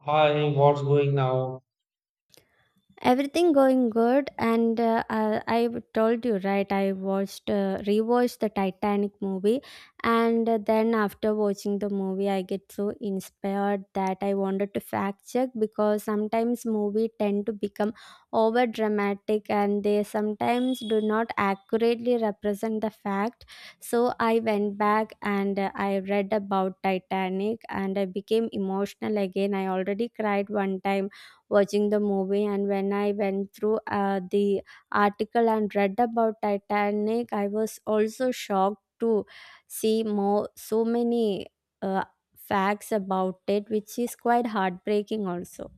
Hi, what's going now? Everything going good, and I told you right. I watched, rewatched the Titanic movie, and then after watching the movie, I get so inspired that I wanted to fact check because sometimes movie tend to become over dramatic, and they sometimes do not accurately represent the fact. So I went back and I read about Titanic, and I became emotional again. I already cried one time watching the movie, and when I went through the article and read about Titanic, I was also shocked to see more so many uh, facts about it, which is quite heartbreaking also.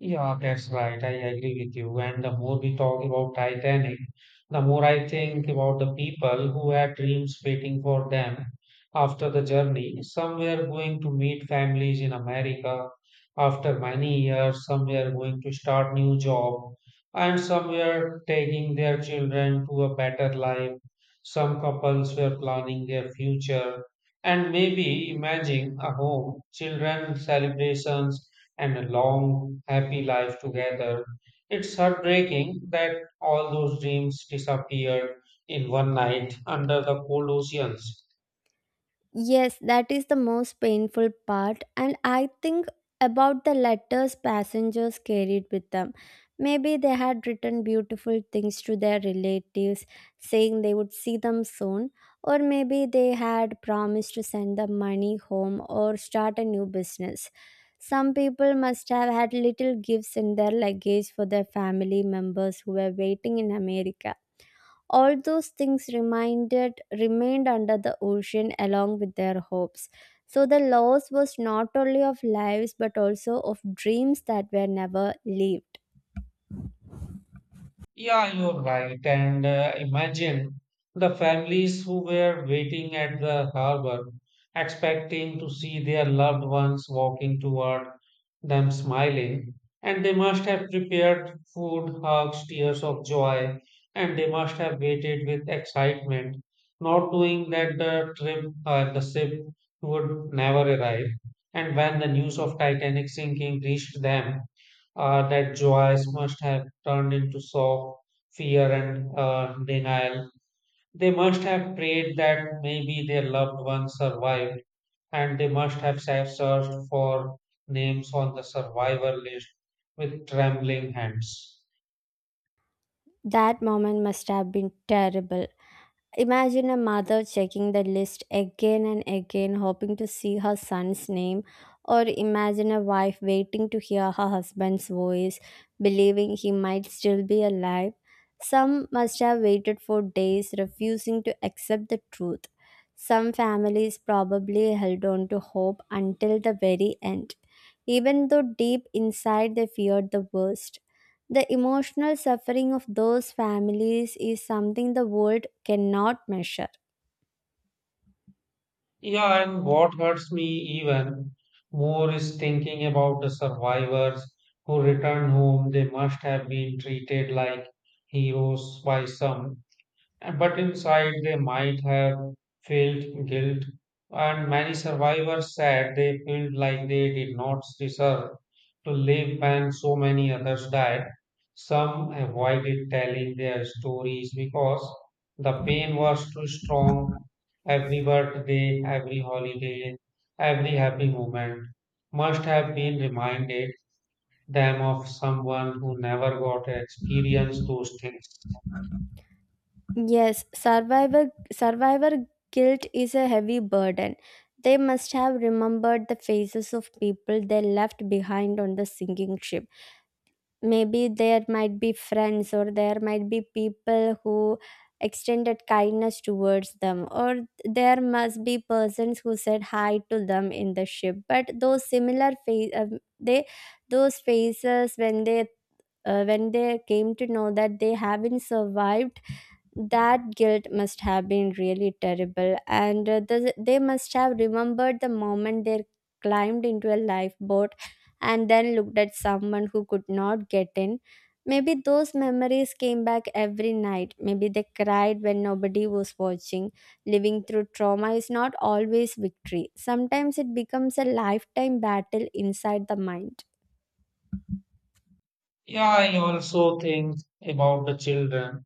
Yeah, that's right. I agree with you. And the more we talk about Titanic, the more I think about the people who had dreams waiting for them after the journey. Some were going to meet families in America after many years, some were going to start new job, and some were taking their children to a better life. Some couples were planning their future and maybe imagining a home, children, celebrations and a long, happy life together. It's heartbreaking that all those dreams disappeared in one night under the cold oceans. Yes, that is the most painful part, and I think about the letters passengers carried with them. Maybe they had written beautiful things to their relatives saying they would see them soon, or maybe they had promised to send them money home or start a new business. Some people must have had little gifts in their luggage for their family members who were waiting in America. All those things reminded remained under the ocean along with their hopes. So the loss was not only of lives but also of dreams that were never lived. Yeah, you're right. And imagine the families who were waiting at the harbor, expecting to see their loved ones walking toward them smiling. And they must have prepared food, hugs, tears of joy, and they must have waited with excitement, not knowing that the ship would never arrive. And when the news of Titanic sinking reached them, that joys must have turned into soft fear and denial. They must have prayed that maybe their loved ones survived, and they must have searched for names on the survivor list with trembling hands. That moment must have been terrible. Imagine a mother checking the list again and again, hoping to see her son's name, or imagine a wife waiting to hear her husband's voice, believing he might still be alive. Some must have waited for days, refusing to accept the truth. Some families probably held on to hope until the very end, even though deep inside they feared the worst. The emotional suffering of those families is something the world cannot measure. Yeah, and what hurts me even more is thinking about the survivors who returned home. They must have been treated like heroes by some. But inside, they might have felt guilt, and many survivors said they felt like they did not deserve to live when so many others died. Some avoided telling their stories because the pain was too strong. Every birthday, every holiday, every happy moment must have been reminded them of someone who never got to experience those things. Yes, survivor guilt is a heavy burden. They must have remembered the faces of people they left behind on the sinking ship. Maybe there might be friends, or there might be people who extended kindness towards them, or there must be persons who said hi to them in the ship, but those similar face they those faces when they came to know that they haven't survived, that guilt must have been really terrible. And they must have remembered the moment they climbed into a lifeboat and then looked at someone who could not get in. Maybe those memories came back every night. Maybe they cried when nobody was watching. Living through trauma is not always victory. Sometimes it becomes a lifetime battle inside the mind. Yeah, I also think about the children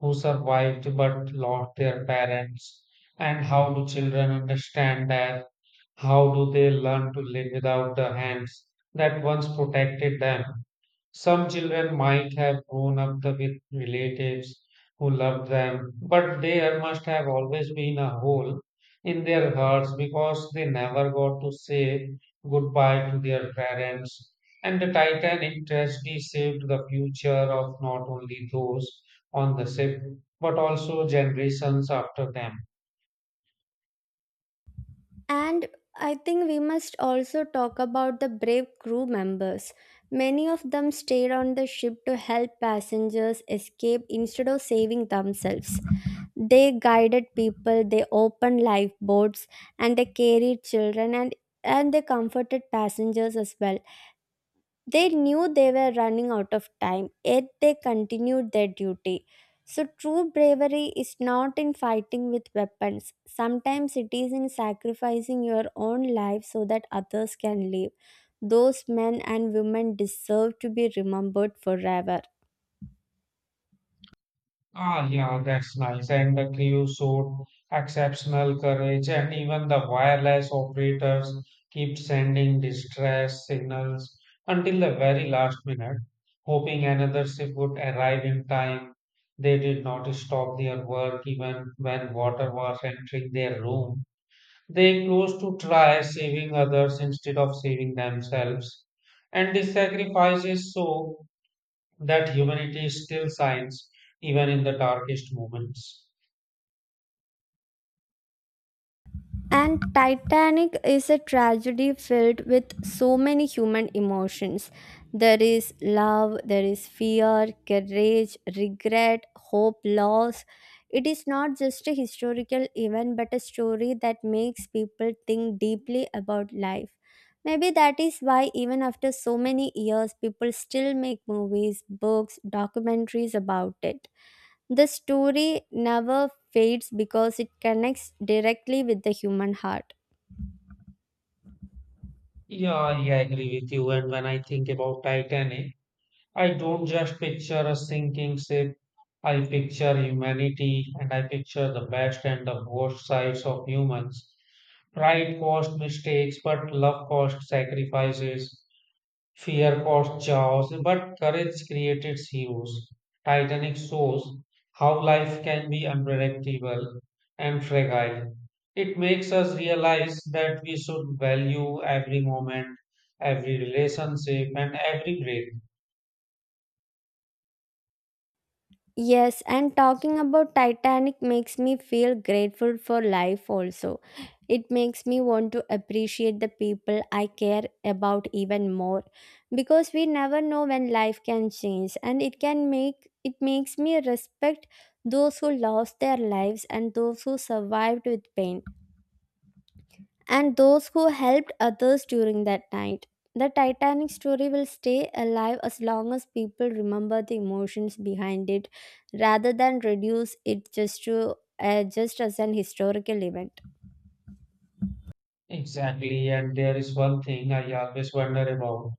who survived but lost their parents, and how do children understand that? How do they learn to live without the hands that once protected them? Some children might have grown up with relatives who loved them, but there must have always been a hole in their hearts because they never got to say goodbye to their parents. And the Titanic tragedy saved the future of not only those on the ship, but also generations after them. And I think we must also talk about the brave crew members. Many of them stayed on the ship to help passengers escape instead of saving themselves. They guided people, they opened lifeboats, and they carried children, and they comforted passengers as well. They knew they were running out of time, yet they continued their duty. So, true bravery is not in fighting with weapons. Sometimes it is in sacrificing your own life so that others can live. Those men and women deserve to be remembered forever. Ah, yeah, that's nice. And the crew showed exceptional courage, and even the wireless operators kept sending distress signals until the very last minute, hoping another ship would arrive in time. They did not stop their work even when water was entering their room. They closed to try saving others instead of saving themselves. And these sacrifices show that humanity is still science, even in the darkest moments. And Titanic is a tragedy filled with so many human emotions. There is love, there is fear, courage, regret, hope, loss. It is not just a historical event but a story that makes people think deeply about life. Maybe that is why, even after so many years, people still make movies, books, documentaries about it. The story never fades because it connects directly with the human heart. Yeah, yeah, I agree with you. And when I think about Titanic, I don't just picture a sinking ship. I picture humanity and I picture the best and the worst sides of humans. Pride caused mistakes, but love caused sacrifices. Fear caused chaos, but courage created heroes. Titanic shows how life can be unpredictable and fragile. It makes us realize that we should value every moment, every relationship, and every breath. Yes, and talking about Titanic makes me feel grateful for life also. It makes me want to appreciate the people I care about even more, because we never know when life can change, and it can make it makes me respect those who lost their lives and those who survived with pain and those who helped others during that night. The Titanic story will stay alive as long as people remember the emotions behind it, rather than reduce it just to just as an historical event. Exactly, and there is one thing I always wonder about.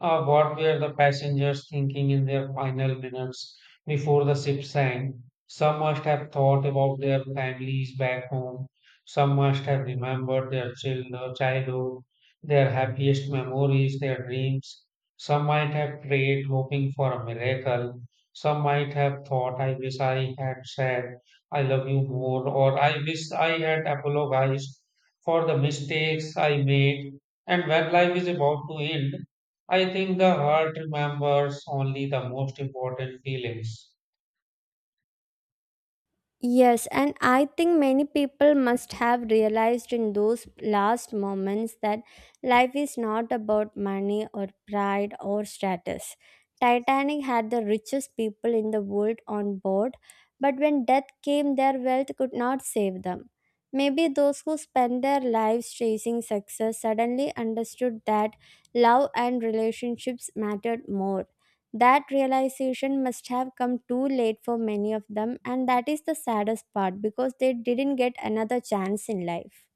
What were the passengers thinking in their final minutes before the ship sank? Some must have thought about their families back home. Some must have remembered their children, childhood, their happiest memories, their dreams. Some might have prayed, hoping for a miracle. Some might have thought, I wish I had said, I love you more, or I wish I had apologized for the mistakes I made. And when life is about to end, I think the heart remembers only the most important feelings. Yes, and I think many people must have realized in those last moments that life is not about money or pride or status. Titanic had the richest people in the world on board, but when death came, their wealth could not save them. Maybe those who spent their lives chasing success suddenly understood that love and relationships mattered more. That realization must have come too late for many of them, and that is the saddest part because they didn't get another chance in life.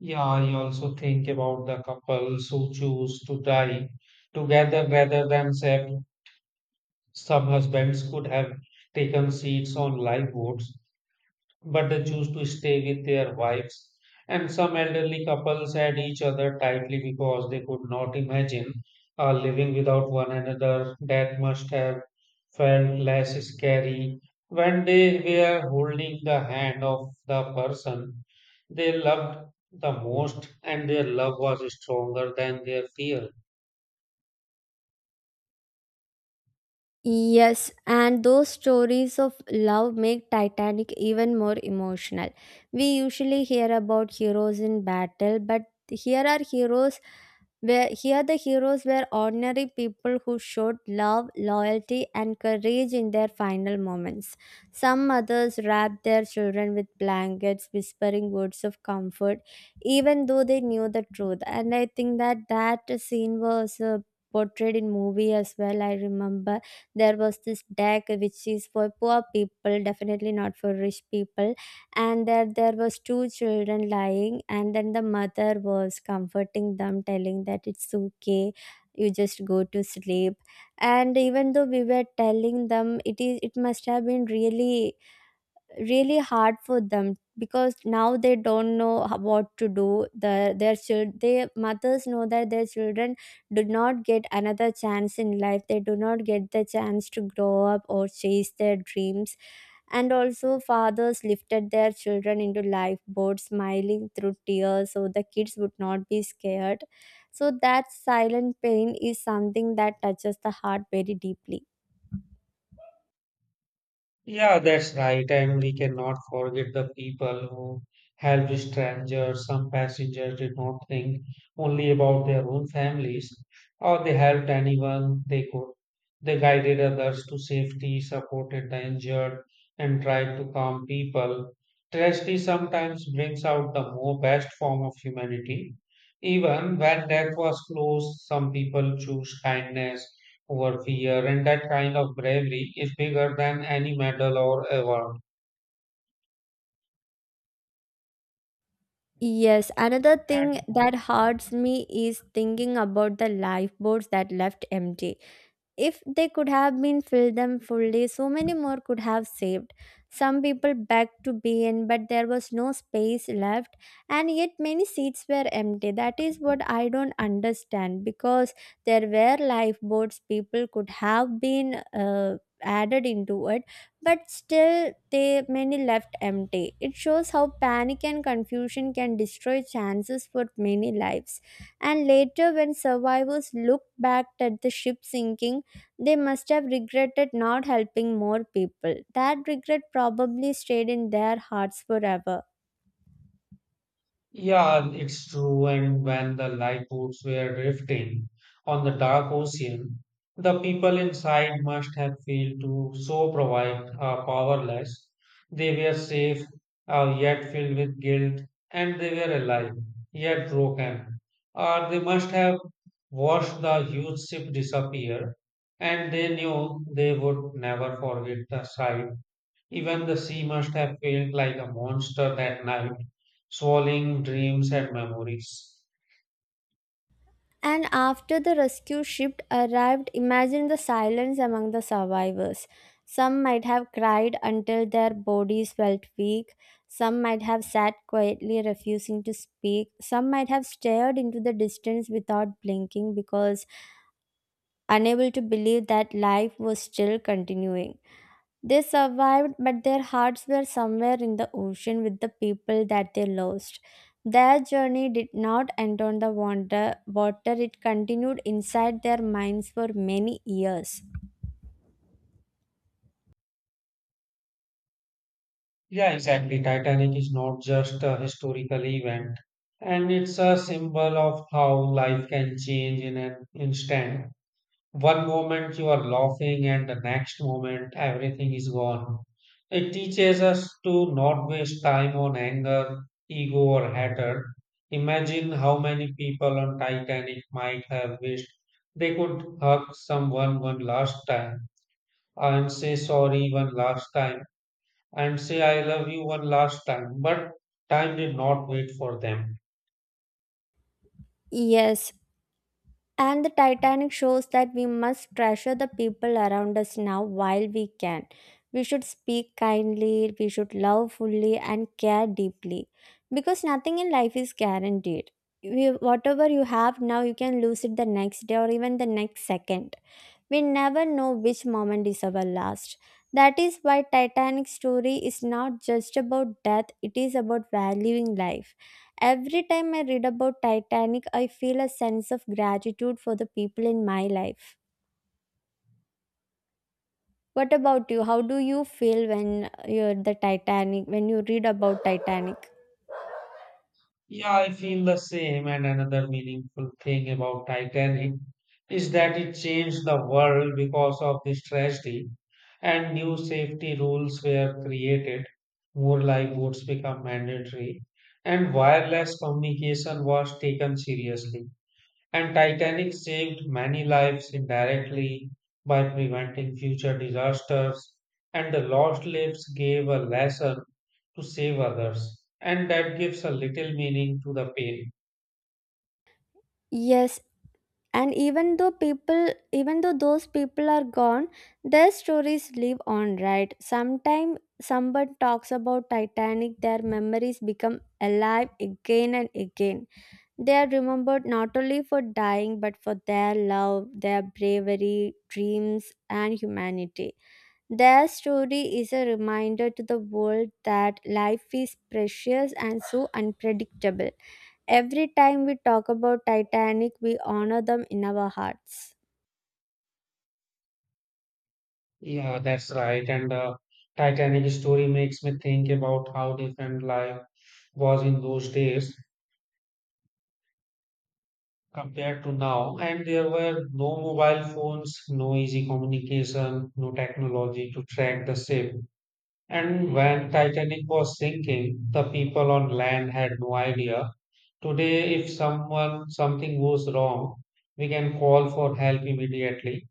Yeah, I also think about the couples who choose to die together rather than separate. Some husbands could have taken seats on lifeboats, but they choose to stay with their wives. And some elderly couples had each other tightly because they could not imagine living without one another. Death must have felt less scary when they were holding the hand of the person they loved the most, and their love was stronger than their fear. Yes, and those stories of love make Titanic even more emotional. We usually hear about heroes in battle, but here are heroes. Where here the heroes were ordinary people who showed love, loyalty, and courage in their final moments. Some mothers wrapped their children with blankets, whispering words of comfort, even though they knew the truth. And I think that that scene was portrayed in movie as well. I remember there was this deck which is for poor people, definitely not for rich people, and that there was two children lying, and then the mother was comforting them, telling that it's okay, you just go to sleep. And even though we were telling them, it is it must have been really really hard for them, because now they don't know what to do. The their child, their mothers know that their children do not get another chance in life. They do not get the chance to grow up or chase their dreams. And also, fathers lifted their children into lifeboats, smiling through tears so the kids would not be scared. So, that silent pain is something that touches the heart very deeply. Yeah, that's right. And we cannot forget the people who helped strangers. Some passengers did not think only about their own families, or they helped anyone they could. They guided others to safety, supported the injured, and tried to calm people. Tragedy sometimes brings out the more best form of humanity. Even when death was close, some people choose kindness over fear, and that kind of bravery is bigger than any medal or award. Yes, another thing that hurts me is thinking about the lifeboats that left empty. If they could have been filled them fully, so many more could have saved. Some people begged to be in, but there was no space left, and yet many seats were empty. That is what I don't understand, because there were lifeboats people could have been added into it, but still they many left empty. It shows how panic and confusion can destroy chances for many lives. And later when survivors looked back at the ship sinking, they must have regretted not helping more people. That regret probably stayed in their hearts forever. Yeah, it's true. And when the lifeboats were drifting on the dark ocean, the people inside must have felt to so provide powerless. They were safe, yet filled with guilt, and they were alive, yet broken. Or they must have watched the huge ship disappear, and they knew they would never forget the sight. Even the sea must have felt like a monster that night, swallowing dreams and memories. And after the rescue ship arrived, imagine the silence among the survivors. Some might have cried until their bodies felt weak. Some might have sat quietly, refusing to speak. Some might have stared into the distance without blinking, because unable to believe that life was still continuing. They survived, but their hearts were somewhere in the ocean with the people that they lost. Their journey did not end on the water, it continued inside their minds for many years. Yeah, exactly. Titanic is not just a historical event, and it's a symbol of how life can change in an instant. One moment you are laughing, and the next moment everything is gone. It teaches us to not waste time on anger, ego, or hatred. Imagine how many people on Titanic might have wished they could hug someone one last time and say sorry one last time and say I love you one last time, but time did not wait for them. Yes, and the Titanic shows that we must treasure the people around us now while we can. We should speak kindly, we should love fully, and care deeply. Because nothing in life is guaranteed. You, whatever you have now, you can lose it the next day or even the next second. We never know which moment is our last. That is why Titanic story is not just about death, it is about valuing life. Every time I read about Titanic, I feel a sense of gratitude for the people in my life. What about you? How do you feel when you're the Titanic when you read about Titanic? Yeah, I feel the same. And another meaningful thing about Titanic is that it changed the world because of this tragedy, and new safety rules were created. More lifeboats became mandatory, and wireless communication was taken seriously. And Titanic saved many lives indirectly by preventing future disasters, and the lost lives gave a lesson to save others. And that gives a little meaning to the pain. Yes, and even though people, even though those people are gone, their stories live on, right? Sometime someone talks about Titanic, their memories become alive again and again. They are remembered not only for dying but for their love, their bravery, dreams, and humanity. Their story is a reminder to the world that life is precious and so unpredictable. Every time we talk about Titanic, we honor them in our hearts. Yeah, that's right. And the Titanic story makes me think about how different life was in those days compared to now. And there were no mobile phones, no easy communication, no technology to track the ship. And when Titanic was sinking, the people on land had no idea. Today, if someone something goes wrong, we can call for help immediately.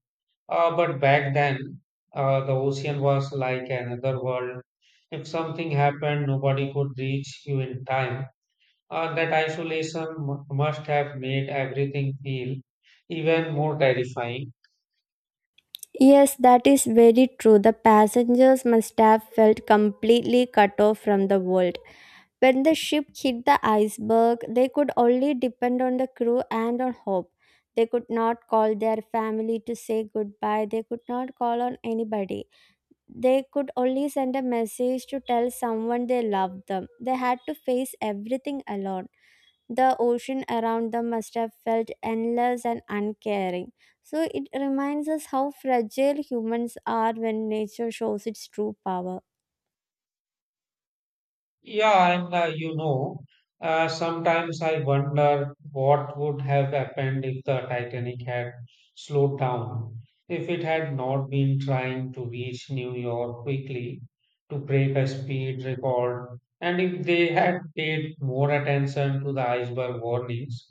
But back then, the ocean was like another world. If something happened, nobody could reach you in time. That isolation must have made everything feel even more terrifying. Yes, that is very true. The passengers must have felt completely cut off from the world. When the ship hit the iceberg, they could only depend on the crew and on hope. They could not call their family to say goodbye. They could not call on anybody. They could only send a message to tell someone they loved them. They had to face everything alone. The ocean around them must have felt endless and uncaring. So it reminds us how fragile humans are when nature shows its true power. Yeah, sometimes I wonder what would have happened if the Titanic had slowed down, if it had not been trying to reach New York quickly to break a speed record, and if they had paid more attention to the iceberg warnings.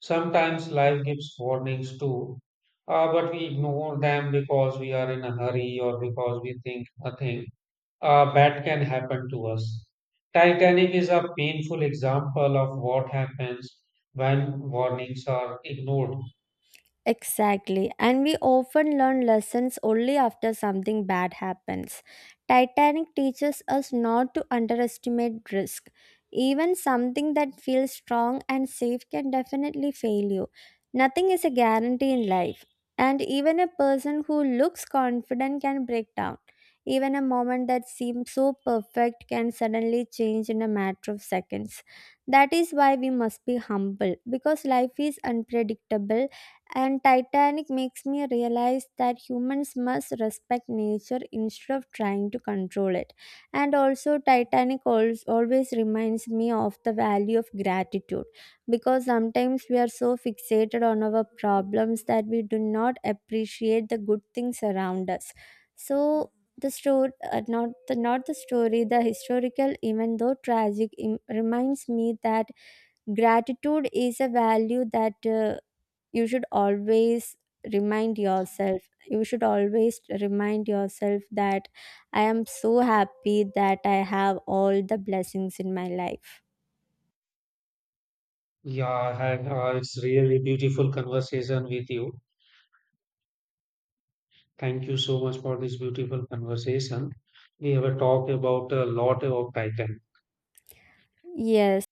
Sometimes life gives warnings too, but we ignore them because we are in a hurry or because we think nothing that can happen to us. Titanic is a painful example of what happens when warnings are ignored. Exactly. And we often learn lessons only after something bad happens. Titanic teaches us not to underestimate risk. Even something that feels strong and safe can definitely fail you. Nothing is a guarantee in life. And even a person who looks confident can break down. Even a moment that seems so perfect can suddenly change in a matter of seconds. That is why we must be humble, because life is unpredictable and Titanic makes me realize that humans must respect nature instead of trying to control it. And also, Titanic always reminds me of the value of gratitude, because sometimes we are so fixated on our problems that we do not appreciate the good things around us. So, the story, not the not the story, the historical, even though tragic, reminds me that gratitude is a value that. You should always remind yourself. You should always remind yourself that I am so happy that I have all the blessings in my life. Yeah, it's really beautiful conversation with you. Thank you so much for this beautiful conversation. We have talked about a lot about Titan. Yes,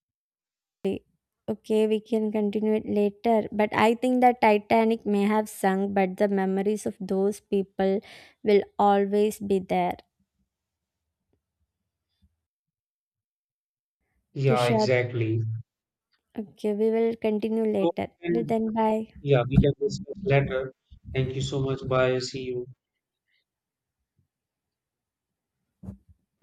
okay, we can continue it later, but I think the Titanic may have sunk but the memories of those people will always be there. Okay, Yeah, sure. exactly. Okay, we will continue So, later. Till and then, bye. yeah, we can discuss later. Thank you so much. Bye. See you.